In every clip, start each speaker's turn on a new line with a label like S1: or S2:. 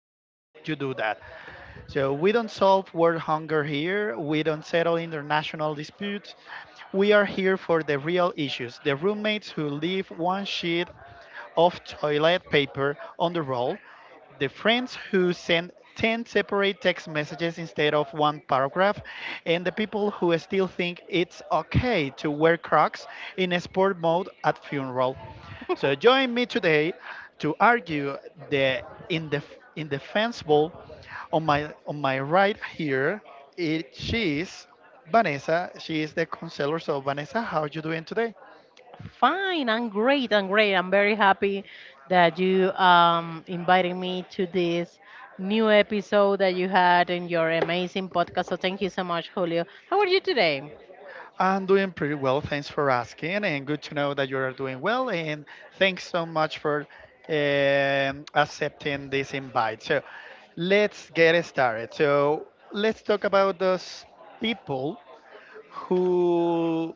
S1: earth would you do that? So, we don't solve world hunger here, we don't settle international disputes. We are here for the real issues, the roommates who live one sheet of toilet paper on the roll, the friends who send 10 separate text messages instead of one paragraph, and the people who still think it's okay to wear Crocs in a sport mode at funeral. So join me today to argue the indefensible on my right here it she is Vanessa. She is the counselor. So Vanessa, how are you doing today?
S2: Fine, I'm great. I'm very happy that you invited me to this new episode that you had in your amazing podcast. So thank you so much, Julio. How are you today?
S1: I'm doing pretty well. Thanks for asking, and good to know that you are doing well. And thanks so much for accepting this invite. So, let's get started. So, let's talk about those people who,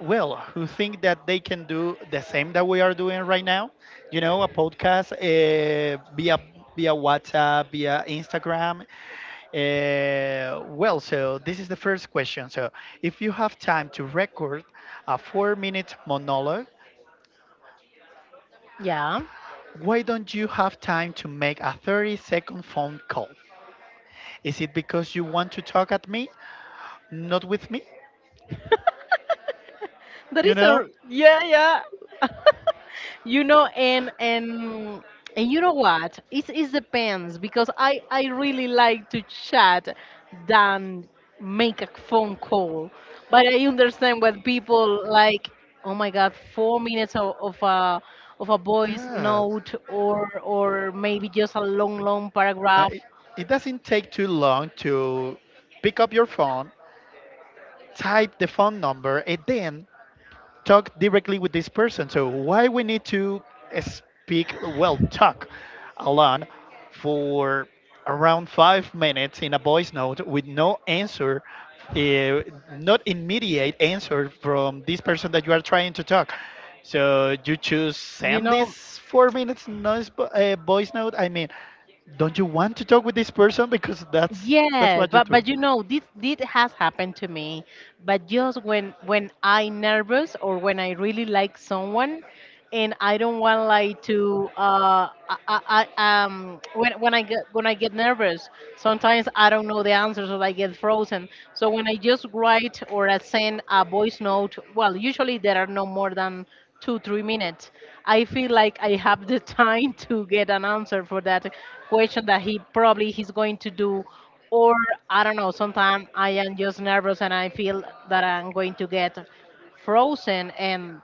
S1: well, who think that they can do the same that we are doing right now. You know, a podcast via WhatsApp, via Instagram, well, so this is the first question. So, if you have time to record a 4 minute monologue,
S2: Yeah.
S1: why don't you have time to make a 30-second phone call? Is it because you want to talk at me, not with me?
S2: That
S1: You
S2: is
S1: know?
S2: a yeah, yeah. you know,
S1: Yeah.
S2: and and and you know what? It depends because I really like to chat than make a phone call. But I understand what people like. Oh my God, 4 minutes of a voice
S1: Yes.
S2: note or maybe just a long long
S1: Uh,
S2: paragraph.
S1: it doesn't take too long to pick up your phone, type the phone number, and then talk directly with this person. So why we need to speak, well, talk alone for around 5 minutes in a voice note with no answer, uh, not immediate answer from this person that you are trying to talk. So you choose
S2: You
S1: send
S2: know,
S1: this 4 minutes voice note. I mean, don't you want to talk with this person? Because that's
S2: yes,
S1: what you
S2: but
S1: do.
S2: but you know this has happened to me, but just when I nervous or when I really like someone, and I don't want like to when I get nervous, sometimes I don't know the answers or I get frozen. So when I just write or I send a voice note, well usually there are no more than two, 3 minutes. I feel like I have the time to get an answer for that question that he probably he's going to do. Or I don't know, sometimes I am just nervous and I feel that I'm going to get frozen and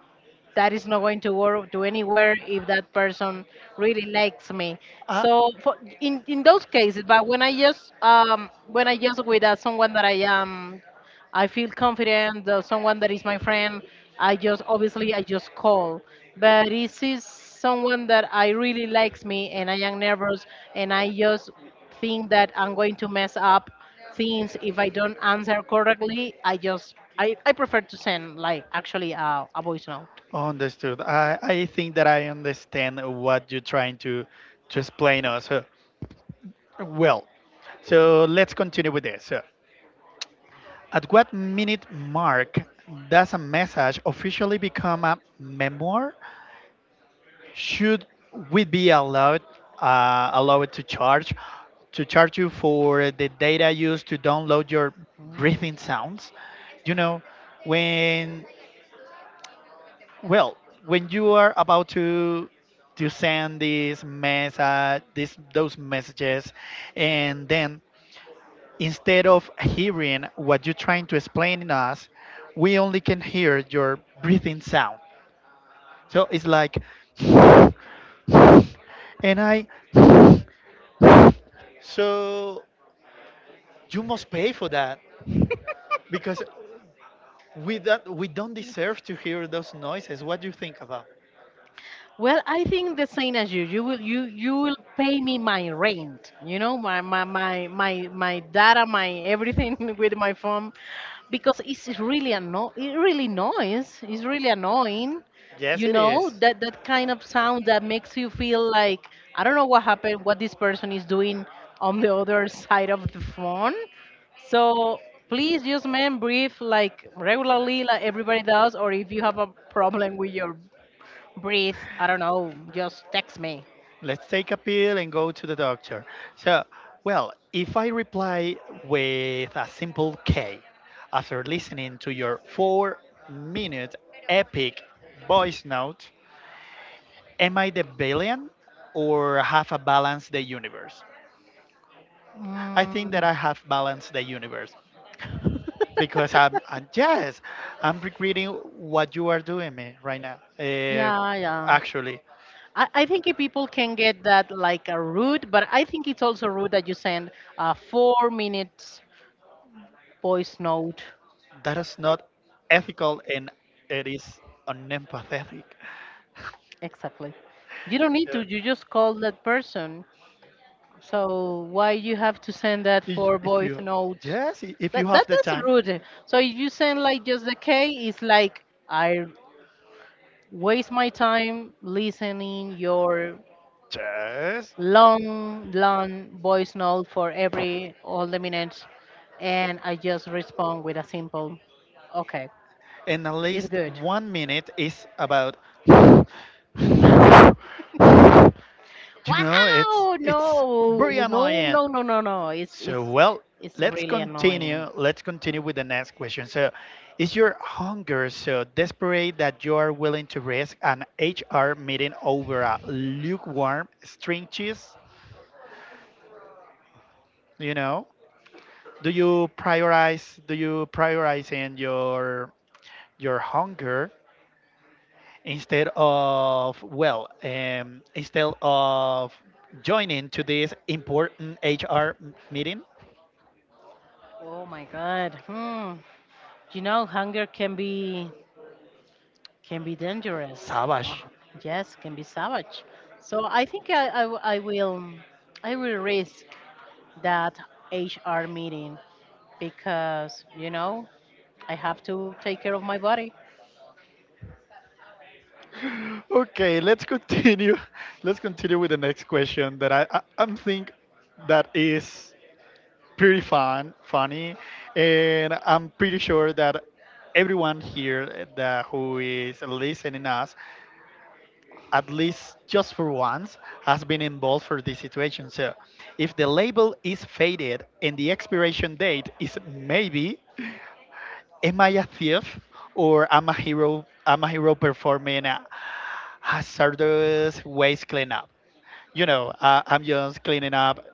S2: that is not going to work to anywhere if that person really likes me.
S1: Uh,
S2: So for, in those cases, but when I just with someone that I feel confident. That someone that is my friend, I just obviously I just call. But this is someone that I really likes me, and I am nervous, and I just think that I'm going to mess up things if I don't answer correctly. I prefer to send like actually a voice note.
S1: Understood. I think that I understand what you're trying to explain us. Well, so let's continue with this. At what minute mark does a message officially become a memoir? Should we be allowed, to charge, to charge you for the data used to download your breathing sounds? You know, when, well, when you are about to send these message, these those messages, and then instead of hearing what you're trying to explain in us, we only can hear your breathing sound. So it's like, and I, so you must pay for that because we, that we don't deserve to hear those noises. What do you think about?
S2: Well, I think the same as you. You will pay me my rent, you know, my data, my everything with my phone because it really noise. It's really annoying.
S1: Yes,
S2: You
S1: it
S2: know,
S1: is.
S2: that kind of sound that makes you feel like I don't know what happened, what this person is doing on the other side of the phone. So please just man breathe like regularly like everybody does or if you have a problem with your breathe. I don't know. Just text me.
S1: Let's take a pill and go to the doctor. So, well, if I reply with a simple K after listening to your 4 minute epic voice note, am I the villain or have I balanced the universe? I think that
S2: Mm.
S1: I have balanced the universe, because I'm, and yes, I'm regretting what you are doing me right now.
S2: Yeah, yeah.
S1: Actually,
S2: I think if people can get that like a rude, but I think it's also rude that you send a 4 minutes voice note.
S1: that is not ethical and it is unempathetic.
S2: Exactly. You don't need
S1: So,
S2: to. You just call that person. So why you have to send that for
S1: if
S2: voice
S1: you,
S2: notes?
S1: yes, if you
S2: That
S1: have
S2: that
S1: the
S2: that's
S1: time,
S2: rude. So if you send like just the K, it's like I waste my time listening your
S1: yes,
S2: long long voice note for every all the minutes, and I just respond with a simple, okay,
S1: and at
S2: it's
S1: least
S2: good.
S1: 1 minute is about, you know,
S2: Wow,
S1: it's
S2: no,
S1: very
S2: no,
S1: annoying.
S2: no, no, no, no. It's
S1: So
S2: it's
S1: well,
S2: it's
S1: let's
S2: really annoying.
S1: continue. Let's continue with the next question. So, is your hunger so desperate that you are willing to risk an HR meeting over a lukewarm string cheese? You know, do you prioritize? Do you prioritize in your hunger instead of, well, instead of joining to this important HR meeting?
S2: Oh my God. Hmm. You know, hunger can be dangerous.
S1: Savage.
S2: Yes, can be savage. So I think I will risk that HR meeting because you know I have to take care of my body.
S1: Okay, let's continue. Let's continue with the next question that I I'm think that is pretty funny, and I'm pretty sure that everyone here that who is listening us, at least just for once, has been involved for this situation. So, if the label is faded and the expiration date is maybe, am I a thief or am I hero? Am a hero performing a hazardous waste cleanup? You know, I'm just cleaning up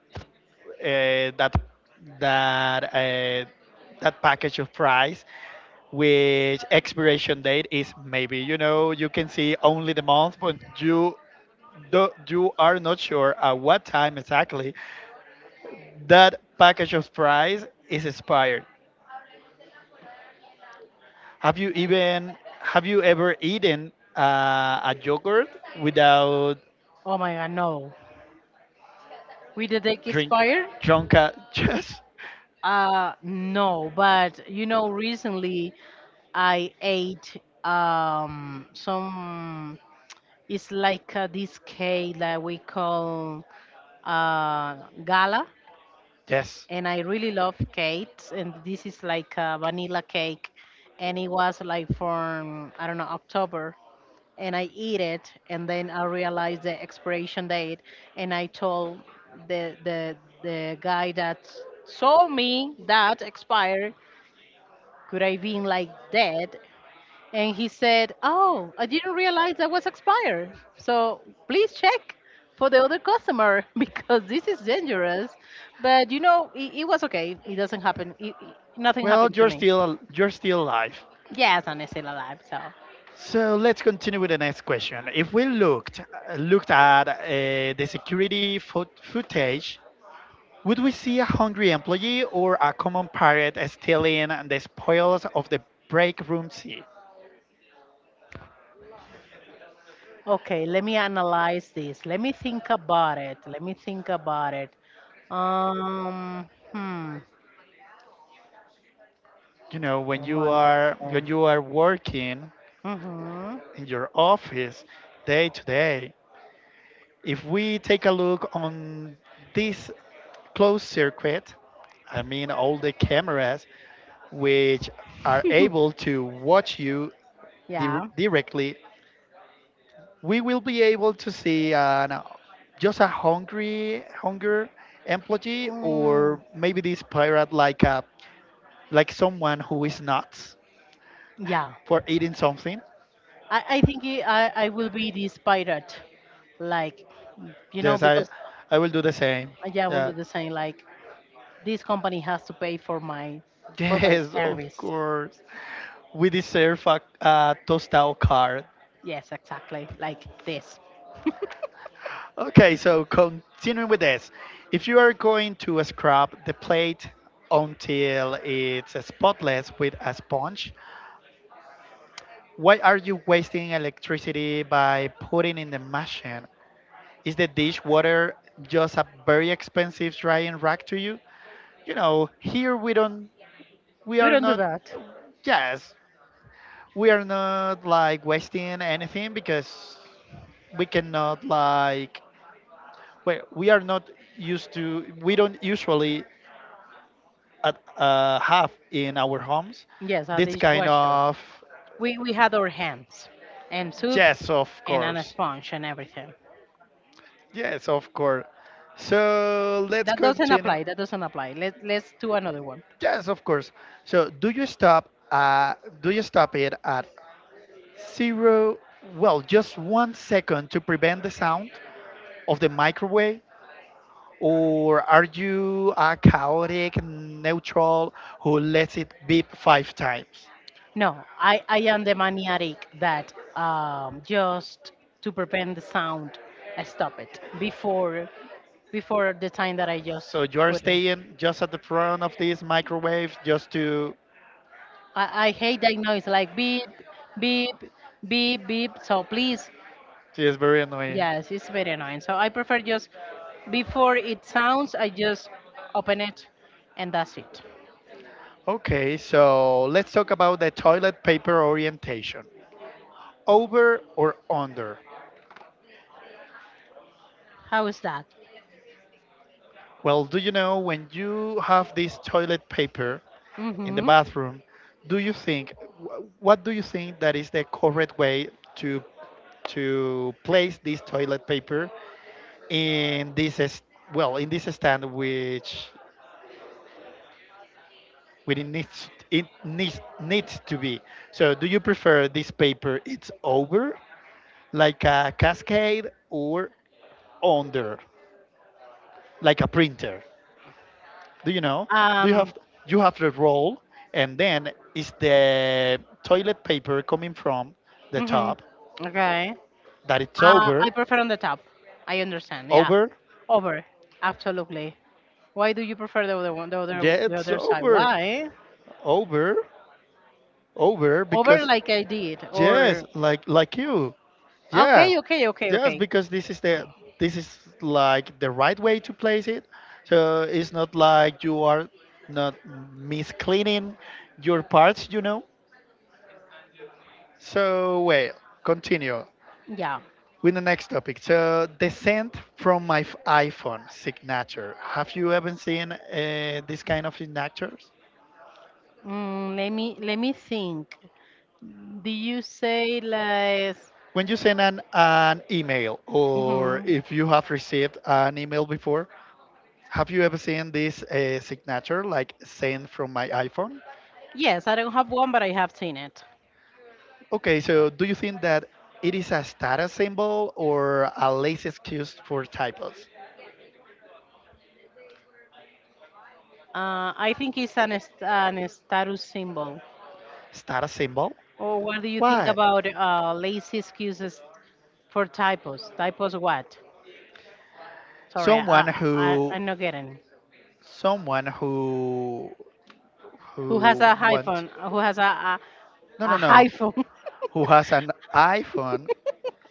S1: that that uh, that package of fries, which expiration date is maybe, you know, you can see only the month, but you do, you are not sure at what time exactly that package of fries is expired. Have you even, have you ever eaten a yogurt without
S2: Oh my God, no. With the date
S1: drink
S2: expire?
S1: drunka?
S2: No. But you know, recently I ate some. It's like this cake that we call uh gala and I really love cakes. And this is like a vanilla cake, and it was like from I don't know October, and I eat it, and then I realized the expiration date, and I told the the the guy that saw me that expired, could I been like dead? And he said, oh, I
S1: Yes,
S2: didn't realize that was expired. So please check for the
S1: yes.
S2: other customer because this is dangerous. But you know, it was okay. It doesn't happen. Nothing
S1: Well,
S2: happened to
S1: you're
S2: me.
S1: still, you're still alive.
S2: Yes, and it's still alive. So,
S1: So let's continue with the next question. If we looked at the security footage, would we see a hungry employee or a common pirate stealing the spoils of the break room sea?
S2: okay, let me analyze this. Let me think about it. Hmm.
S1: You know,
S2: Oh my.
S1: when you are working
S2: Mm-hmm.
S1: in your office day to day,
S2: If
S1: if we take a look on this closed circuit, I mean all the cameras which are able to watch you
S2: yeah.
S1: directly, we will be able to see an, just a hunger employee, or
S2: Mm,
S1: maybe this pirate, like a, like someone who is nuts
S2: yeah.
S1: for eating something.
S2: I think I will be this pirate. Like, you know,
S1: Yes,
S2: because
S1: I will do the same.
S2: yeah, I will
S1: Yeah.
S2: do the same. Like, this company has to pay for my
S1: Yes, of
S2: service.
S1: course. We deserve a toast card.
S2: Yes, exactly. Like this.
S1: Okay, so continuing with this. If you are going to scrub the plate until it's spotless with a sponge, why are you wasting electricity by putting in the machine? Is the dishwater just a very expensive drying rack to you? You know, here we don't, we
S2: We
S1: are
S2: don't do
S1: not,
S2: that.
S1: yes, we are not like wasting anything because we cannot, like, we are not used to, we don't usually have in our homes
S2: Yes, a
S1: this kind
S2: dishwasher.
S1: of,
S2: We had our hands and soup
S1: yes of
S2: and on a
S1: course,
S2: sponge and everything.
S1: yes of course, so let's
S2: That doesn't
S1: continue,
S2: apply. Let's do another one.
S1: yes of course. So do you stop, do you stop it at zero, well, just 1 second to prevent the sound of the microwave? Or are you a chaotic neutral who lets it beep five times?
S2: No, I am the maniatic that just to prevent the sound, I stop it before the time that I just
S1: So you are
S2: put it.
S1: staying just at the front of these microwaves just to.
S2: I hate that noise like beep beep beep. So please,
S1: It is very annoying.
S2: yes, it's very annoying. So I prefer just before it sounds, I just open it and that's it.
S1: Okay, so let's talk about the toilet paper orientation. Over or under?
S2: How is that?
S1: Well, do you know when you have this toilet paper in the
S2: Mm-hmm.
S1: bathroom, do you think, what do you think that is the correct way to to place this toilet paper in this well, in this stand which, which it needs to be. So do you prefer this paper it's over like a cascade, or under like a printer? Do you know? Do you have,
S2: Um.
S1: you have the roll, and then is the toilet paper coming from the top?
S2: Mm-hmm. Okay.
S1: That it's
S2: I
S1: over,
S2: prefer on the top. I understand. Yeah.
S1: over.
S2: Over. Absolutely. Why do you prefer the other one,
S1: Yeah,
S2: the
S1: it's
S2: other side?
S1: over,
S2: Why?
S1: over, over.
S2: Over
S1: Because
S2: like I did,
S1: yes,
S2: or
S1: like you. Yes,
S2: okay, okay, okay,
S1: yes.
S2: okay.
S1: Because this is the, this is like the right way to place it. So it's not like you are not miscleaning your parts. You know. So well, continue.
S2: Yeah.
S1: With the next topic, so descent from my iPhone signature. Have you ever seen this kind of signatures?
S2: Mm, let me think. Do you say like?
S1: When you send an email, or
S2: Hmm.
S1: if you have received an email before, have you ever seen this signature, like sent from my iPhone?
S2: Yes, I don't have one, but I have seen it.
S1: Okay, so do you think that it is a status symbol or a lazy excuse for typos?
S2: I think it's an status symbol.
S1: Status symbol?
S2: Or what do you think
S1: Why?
S2: about lazy excuses for typos? Typos what? Sorry,
S1: Someone who,
S2: I'm not getting.
S1: someone who
S2: Who has
S1: who
S2: a
S1: want,
S2: hyphen? Who has
S1: no
S2: a
S1: no no
S2: hyphen?
S1: who has an iPhone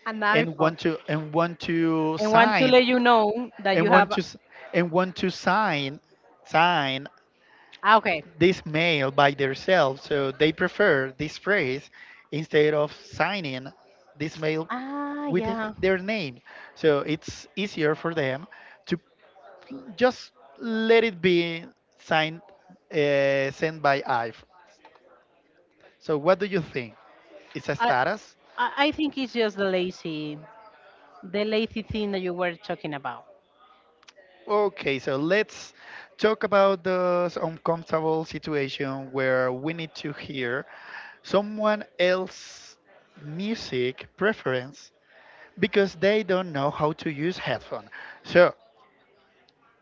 S2: An
S1: and
S2: iPhone.
S1: want to, and want to
S2: And want to
S1: sign,
S2: let you know that you
S1: and want
S2: have.
S1: to s- and want to sign, sign
S2: Ah, okay.
S1: this mail by themselves, so they prefer this phrase instead of signing this mail
S2: Ah,
S1: with
S2: yeah.
S1: their name, so it's easier for them to just let it be signed, sent by IVE. So what do you think? It's a
S2: I,
S1: status?
S2: I I think it's just the lazy thing that you were talking about.
S1: Okay, so let's talk about those uncomfortable situation where we need to hear someone else's music preference because they don't know how to use headphone. So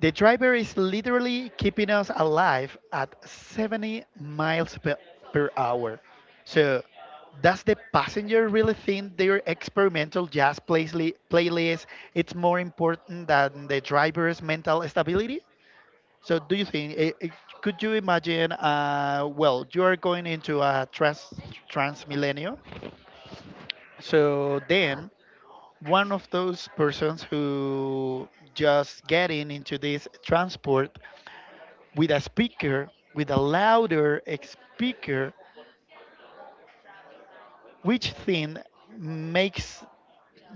S1: the driver is literally keeping us alive at 70 miles per, per hour. So, does the passenger really think their experimental jazz playlist it's more important than the driver's mental stability? So, do you think? Could you imagine? Well, you are going into a trans millennium. So then, one of those persons who just getting into this transport with a speaker, with a louder speaker, which thing makes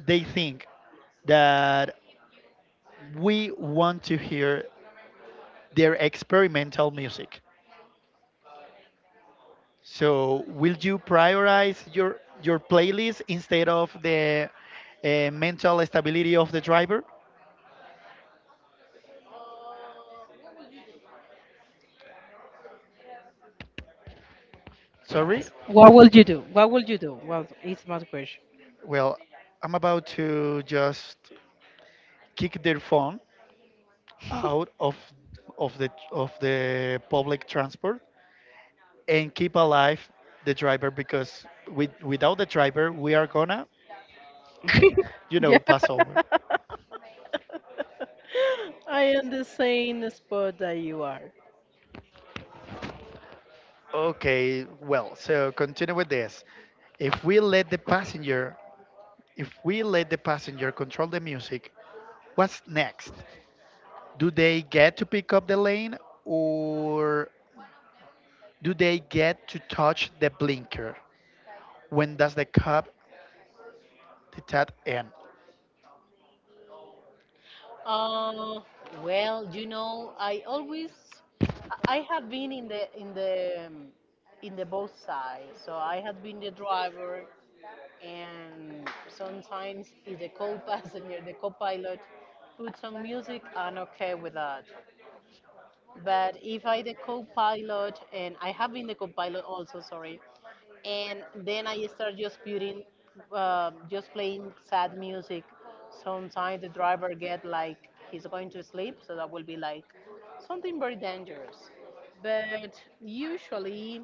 S1: they think that we want to hear their experimental music. So, will you prioritize your playlist instead of the mental stability of the driver? Sorry.
S2: What will you do? Well, it's my question.
S1: Well, I'm about to just kick their phone out of, of the public transport and keep alive the driver, because with, without the driver we are gonna, you
S2: Yeah.
S1: know, pass over.
S2: I am the same spot that you are.
S1: Okay, well, so continue with this. If we let the passenger, if we let the passenger control the music, what's next? Do they get to pick up the lane, or do they get to touch the blinker? When does the cop detect end?
S2: Uh, well, you know, I always, I have been in the in the both sides. So I have been the driver, and sometimes if the co-passenger, the co-pilot puts on music, I'm okay with that. But if I the co-pilot and I have been the co-pilot also, sorry, and then I start just putting, just playing sad music. Sometimes the driver get like he's going to sleep, so that will be like something very dangerous. But usually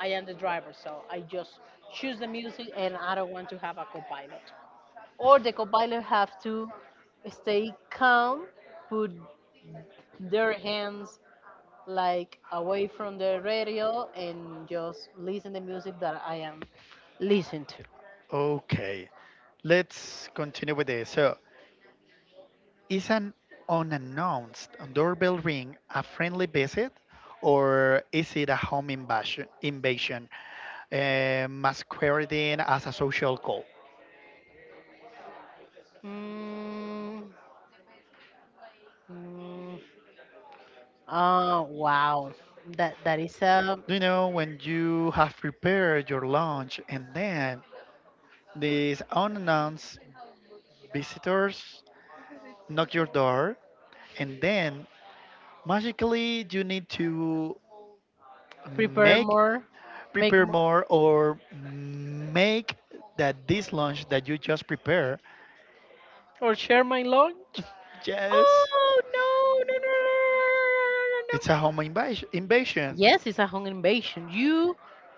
S2: I am the driver, so I just choose the music and I don't want to have a co-pilot, or the co-pilot have to stay calm, put their hands like away from the radio and just listen the music that I am listening to.
S1: Okay, let's continue with this. So is an unannounced doorbell ring a friendly visit, or is it a home invasion masquerading as a social call?
S2: Mm, mm, oh wow, that that is a
S1: Do you know when you have prepared your lunch and then these unannounced visitors knock your door, and then magically you need to
S2: prepare
S1: make
S2: more, make
S1: prepare
S2: more,
S1: more or make that this lunch that you just prepared
S2: or share my lunch.
S1: just.
S2: Oh no no no no no no no no no!
S1: It's
S2: No.
S1: a
S2: No,
S1: home
S2: no.
S1: invasion.
S2: Yes, it's a home invasion. You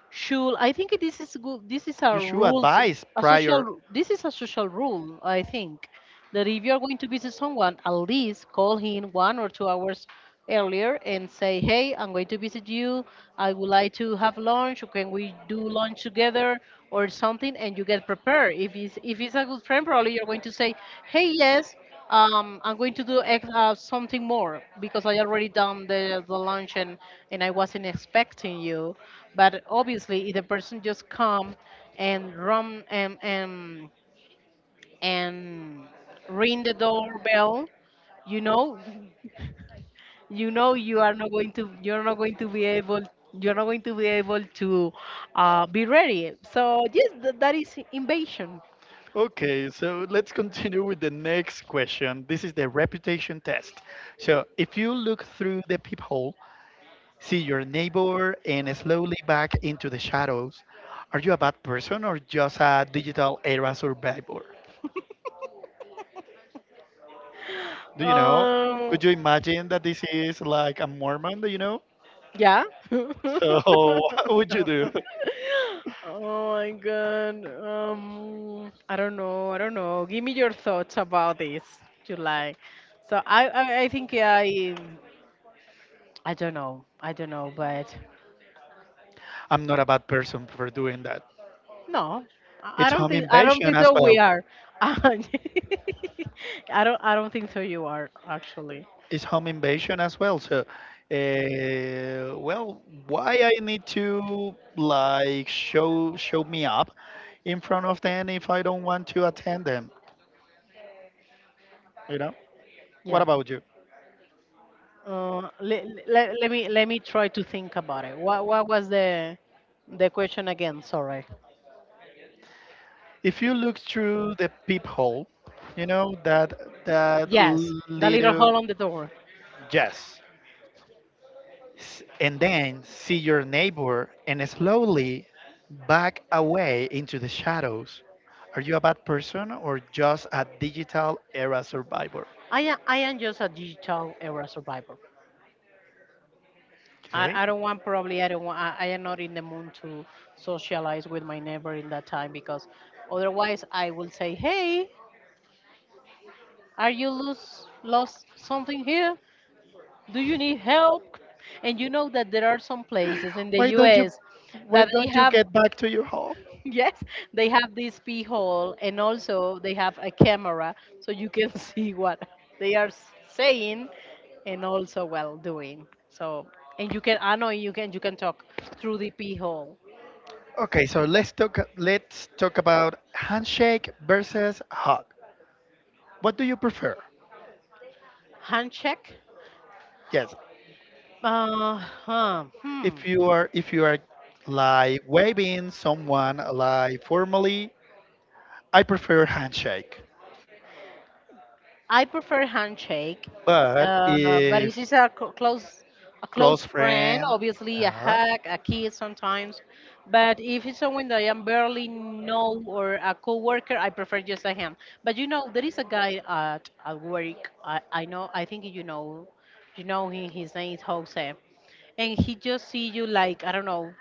S2: should. I think this is good. This is a
S1: You should
S2: rules,
S1: advise
S2: a
S1: prior.
S2: social. This is a social rule. I think that if you are going to visit someone, at least call him 1 or 2 hours earlier and say, hey, I'm going to visit you. I would like to have lunch, or can we do lunch together or something? And you get prepared. If if it's a good friend, probably you're going to say, hey, yes, I'm going to do something more because I already done the lunch, and I wasn't expecting you. But obviously, if the person just come and run and ring the doorbell, you know, you know you're not going to be able to be ready, so yes that is invasion.
S1: Okay, so let's continue with the next question. This is the reputation test. So, if you look through the peephole, see your neighbor, and slowly back into the shadows, are you a bad person or just a digital era survivor? Do you know?
S2: Um,
S1: Could you imagine that this is like a Mormon, do you know?
S2: yeah.
S1: So, what would you do?
S2: Oh my God, um, I don't know. Give me your thoughts about this, July. So I think I don't know. But
S1: I'm not a bad person for doing that.
S2: no, I
S1: It's
S2: don't
S1: home
S2: think
S1: invasion as
S2: so.
S1: well.
S2: We are. I I don't think so. You are actually.
S1: It's home invasion as well. So, well, why I need to like show me up in front of them if I don't want to attend them? You know. What
S2: Yeah.
S1: about you?
S2: Let me try to think about it. What was the question again? Sorry.
S1: If you look through the peephole, you know that
S2: Yes, the little
S1: little
S2: hole on the door.
S1: yes, and then see your neighbor and slowly back away into the shadows. Are you a bad person or just a digital era survivor?
S2: I am just a digital era survivor. I,
S1: Okay.
S2: I don't want, probably I don't want, I am not in the mood to socialize with my neighbor in that time because otherwise I will say hey, are you lose lost something here? Do you need help? And you know that there are some places in the
S1: Why don't you
S2: US
S1: why
S2: that they
S1: don't you
S2: have,
S1: get back to your home?
S2: yes, they have this hole, and also they have a camera so you can see what they are saying and also well doing. So, and you can, I know you can talk through the hole.
S1: Okay, so let's talk about handshake versus hug. What do you prefer?
S2: Hand check?
S1: Yes.
S2: Huh, hmm.
S1: If you are like waving someone like formally, I prefer handshake.
S2: I prefer handshake.
S1: But
S2: But
S1: if
S2: it's just close, a close
S1: close
S2: friend.
S1: friend.
S2: Obviously, a
S1: Uh,
S2: hug, a kiss sometimes. But if it's someone that I am barely know or a coworker, I prefer just a hand. But you know, there is a guy at work. I know. I think you know him. His name is Jose, and he just see you like I don't know,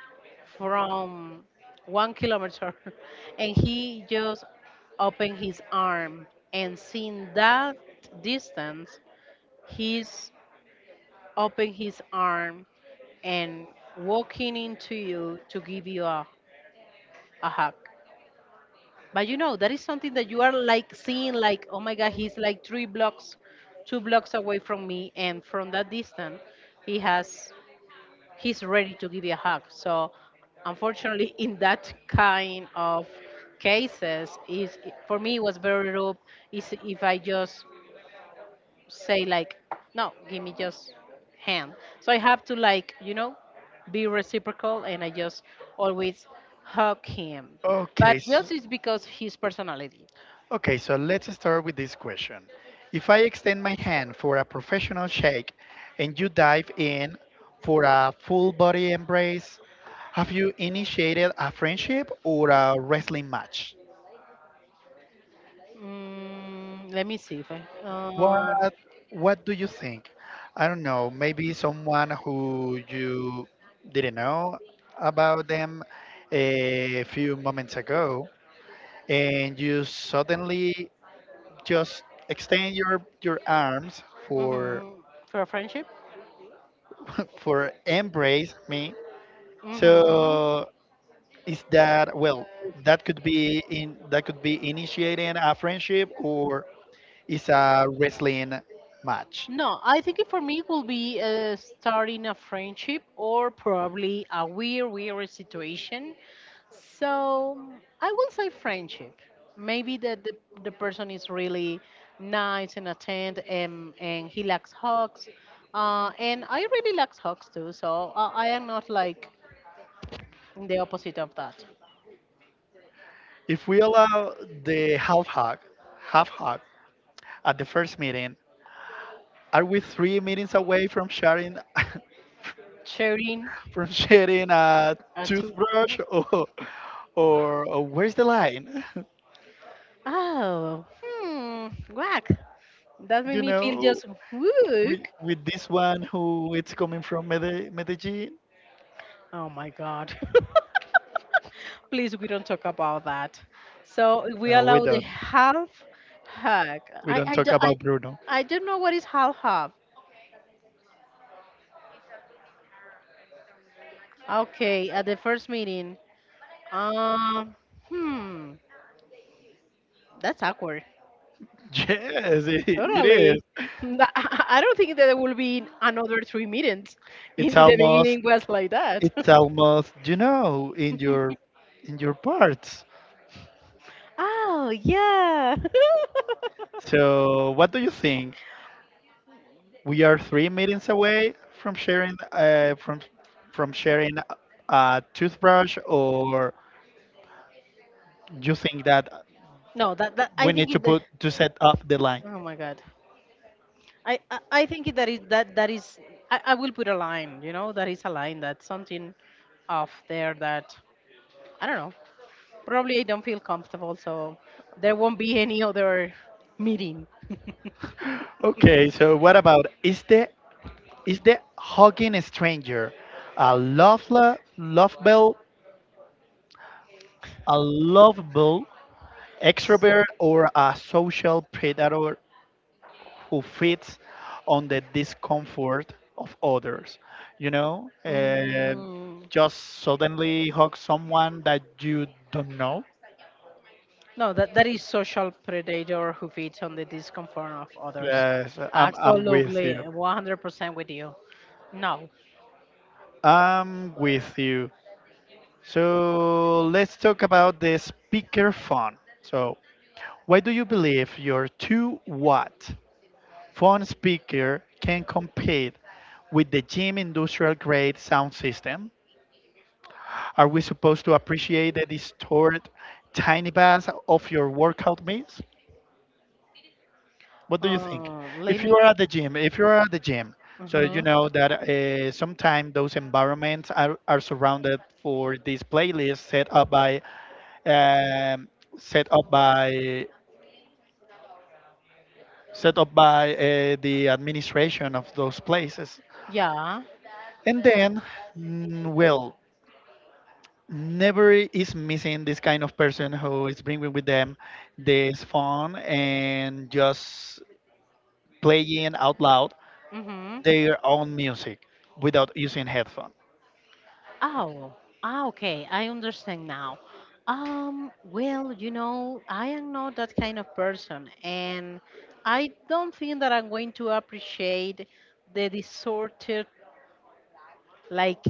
S2: from 1 kilometer, and he just open his arm and seeing that distance. He's open his arm and walking into you to give you a hug. But that is something that you are like seeing like, oh my God, he's like three blocks, two blocks away from me. And from that distance, he has, he's ready to give you a hug. So unfortunately, in that kind of cases, is for me, it was very rough. Is if I just say like, no, give me just hand. So I have to like, be reciprocal and I just always hug him. But
S1: okay. So,
S2: just it's because his personality.
S1: okay. So let's start with this question. If I extend my hand for a professional shake, and you dive in for a full body embrace, have you initiated a friendship or a wrestling match?
S2: Let me see if I,
S1: What What do you think? I don't know. Maybe someone who you didn't know about them a few moments ago, and you suddenly just extend your arms for
S2: mhm, for a friendship.
S1: for embrace me,
S2: Hmm.
S1: so is that, well, that could be initiating a friendship or is a wrestling match.
S2: No, I think it for me it will be starting a friendship or probably a weird situation. So I will say friendship. Maybe that the person is really nice and attend and he likes hugs. And I really like hugs too. So I am not like the opposite of that.
S1: If we allow the half hug at the first meeting, are we three meetings away from sharing
S2: Sharing
S1: from sharing a
S2: a two.
S1: toothbrush, or where's the line?
S2: Oh, whack. That made
S1: You
S2: me feel
S1: know,
S2: just wook.
S1: with this one who it's coming from Medellin.
S2: Oh my God. Please, we don't talk about that. So we
S1: No, we
S2: allow the
S1: don't.
S2: half hug.
S1: We
S2: i
S1: don't
S2: i,
S1: talk
S2: do- I,
S1: about Bruno.
S2: I don't know what is half hug. Okay, at the first meeting, um hmm that's awkward.
S1: Yes, it
S2: Totally.
S1: is.
S2: Th- I don't think that there will be another three meetings. In
S1: It's
S2: the
S1: almost.
S2: beginning was like that.
S1: It's almost. You know, in your parts.
S2: Oh yeah.
S1: So, what do you think? We are three meetings away from sharing uh, from from sharing a toothbrush, or you think that
S2: No, that
S1: we
S2: i
S1: need
S2: think
S1: to
S2: it
S1: put to set up the line?
S2: Oh my God. I think that is that that is I will put a line, you know, that is a line, that's something off there that I don't know. Probably I don't feel comfortable, so there won't be any other meeting.
S1: Okay, so what about is the hugging a stranger a lovely, lovable extrovert or a social predator who feeds on the discomfort of others? You know,
S2: Mm,
S1: just suddenly hug someone that you don't know.
S2: no, that that is social predator who feeds on the discomfort of others.
S1: Yes, I'm with
S2: Absolutely,
S1: you.
S2: 100% with you. No.
S1: I'm with you. So let's talk about the speaker phone. So, why do you believe your 2-watt phone speaker can compete with the gym industrial grade sound system? Are we supposed to appreciate the stored tiny bars of your workout meals? What do you think?
S2: Oh, let
S1: If
S2: me.
S1: you are at the gym, If you are at the gym, so you
S2: Mhm.
S1: know that sometimes those environments are, surrounded for these playlists set up by um, set up by the administration of those places.
S2: Yeah.
S1: And then, well, never is missing this kind of person who is bringing with them this fun and just playing out loud
S2: Mhm.
S1: their own music without using headphone.
S2: Oh, okay. I understand now. Well, you know, I am not that kind of person, and I don't think that I'm going to appreciate the deserted like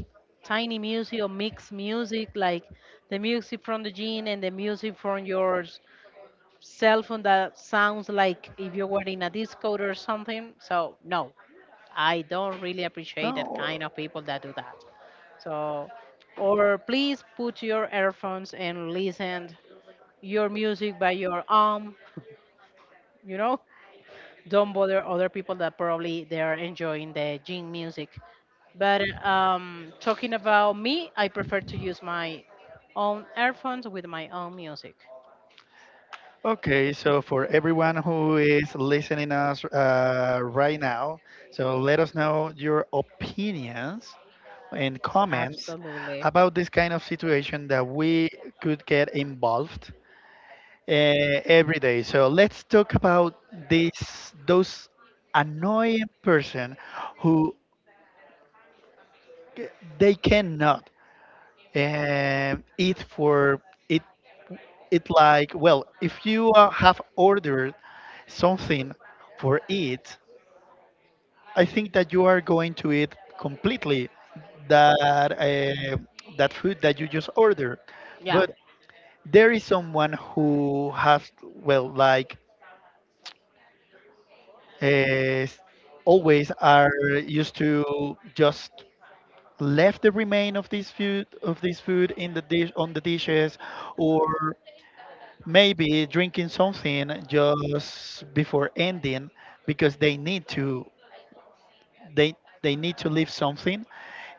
S2: tiny music or mixed music, like the music from the gym and the music from your cell phone that sounds like if you were in a disco or something. So no, I don't really appreciate that
S1: No,
S2: kind of people that do that. So, or please put your earphones and listen your music by your arm. You know, don't bother other people that probably they are enjoying the gym music. But talking about me, I prefer to use my own earphones with my own music.
S1: okay. So for everyone who is listening us right now, so let us know your opinions and comments
S2: Absolutely.
S1: about this kind of situation that we could get involved uh, every day. So let's talk about this those annoying person who c- they cannot eat for it. It like, well, if you have ordered something for it, I think that you are going to eat completely that uh, that food that you just ordered.
S2: Yeah.
S1: But there is someone who has, well, like is always are used to just left the remain of this food in the dish on the dishes, or maybe drinking something just before ending because they they need to leave something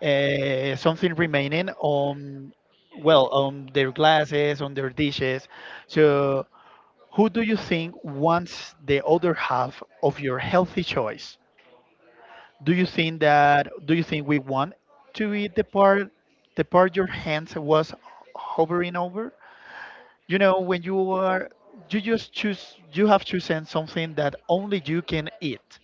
S1: something remaining on, well, on their glasses on their dishes. So who do you think wants the other half of your healthy choice? Do you think we want to eat the part your hands was hovering over? You know, when you are, you just choose, you have chosen something that only you can eat.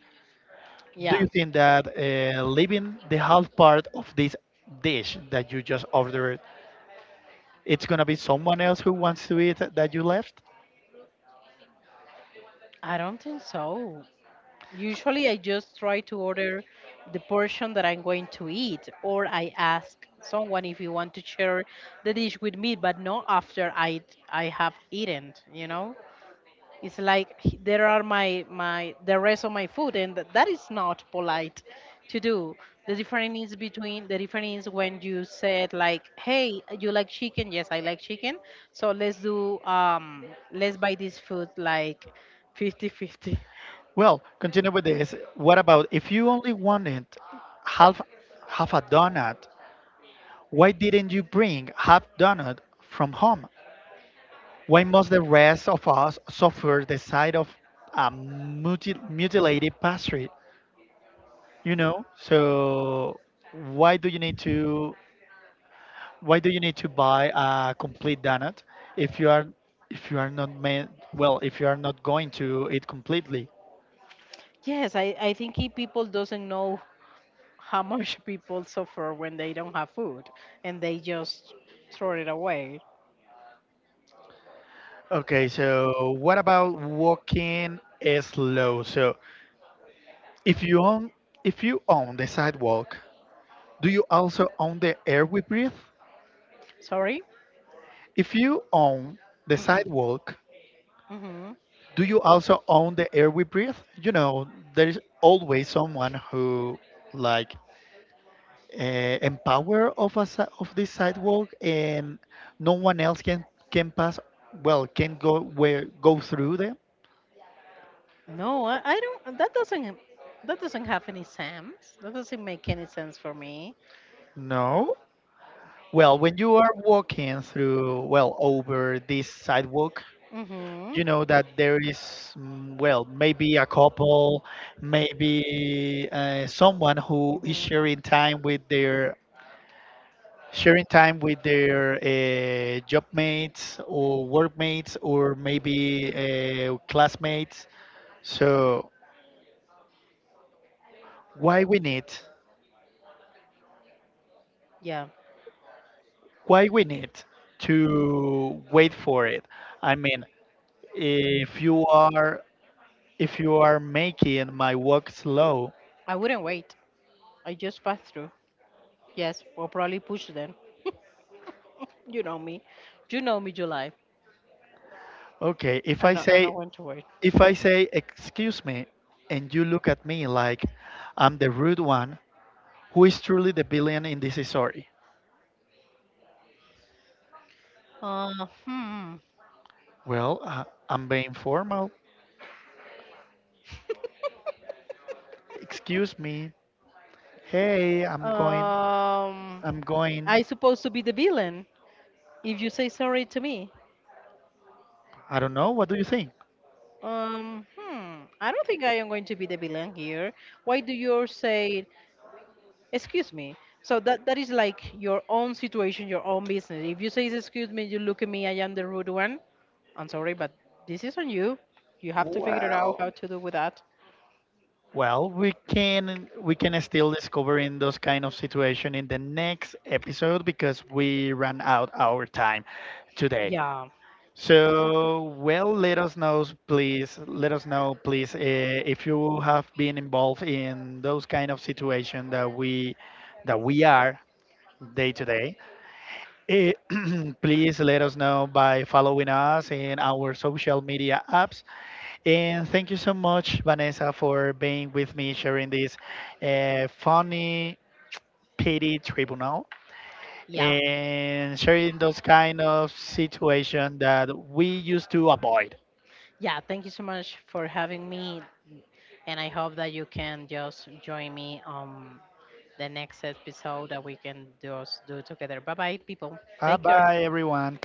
S1: Do you
S2: Yeah.
S1: think that leaving the half part of this dish that you just ordered, it's gonna be someone else who wants to eat that you left?
S2: I don't think so. Usually, I just try to order the portion that I'm going to eat, or I ask someone if you want to share the dish with me, but not after I have eaten. You know, it's like there are my the rest of my food, and that is not polite to do. The difference is between the difference is when you said like, "Hey, you like chicken? Yes, I like chicken. So let's do let's buy this food like 50-50."
S1: Well, continue with this. What about if you only wanted half half a donut? Why didn't you bring half donut from home? Why must the rest of us suffer the sight of a mutilated pastry? You know, so why do you need to why do you need to buy a complete donut if you are if you are not meant, well, if you are not going to eat completely?
S2: Yes, I think people doesn't know how much people suffer when they don't have food and they just throw it away.
S1: Okay, so what about walking slow? So if you own if you own the sidewalk, do you also own the air we breathe?
S2: Sorry?
S1: If you own the sidewalk,
S2: Hmm.
S1: do you also own the air we breathe? You know, there is always someone who, like, uh, empower of a si- of this sidewalk, and no one else can pass. Well, can go where go through them.
S2: No, I don't. That doesn't. That doesn't have any sense. That doesn't make any sense for me.
S1: No. Well, when you are walking through, well, over this sidewalk,
S2: Hmm. Hmm.
S1: you know that there is, well, maybe a couple, maybe someone who is sharing time with their job mates or workmates or maybe classmates. So why we need
S2: Yeah,
S1: why we need to wait for it. I mean, if you are if you are making my work slow.
S2: I wouldn't wait. I just pass through. Yes, or probably push them. You know me. You know me, July.
S1: okay if
S2: I
S1: i
S2: know. I know
S1: say
S2: when to wait.
S1: If I say, excuse me, and you look at me like I'm the rude one, who is truly the villain in this story?
S2: Hmm.
S1: Well, I'm being formal. Excuse me. Hey,
S2: Um,
S1: I'm going.
S2: I supposed to be the villain if you say sorry to me.
S1: I don't know. What do you think?
S2: Hmm. I don't think I am going to be the villain here. Why do you say excuse me? So that that is like your own situation, your own business. If you say excuse me, you look at me. I am the rude one. I'm sorry, but this is on you. You have to figure it out
S1: Well,
S2: how to do with that.
S1: we can still discover in those kind of situation in the next episode because we ran out our time today.
S2: Yeah.
S1: So, well, let us know, please. Let us know, please, if you have been involved in those kind of situation that we are day to day. Eh, please let us know by following us in our social media apps. And thank you so much, Vanessa, for being with me, sharing this funny pity tribunal and sharing those kind of situation that we used to avoid.
S2: Yeah, thank you so much for having me, and I hope that you can just join me on the next episode that we can just do together. Bye bye, people.
S1: Bye
S2: Take care.
S1: bye, everyone.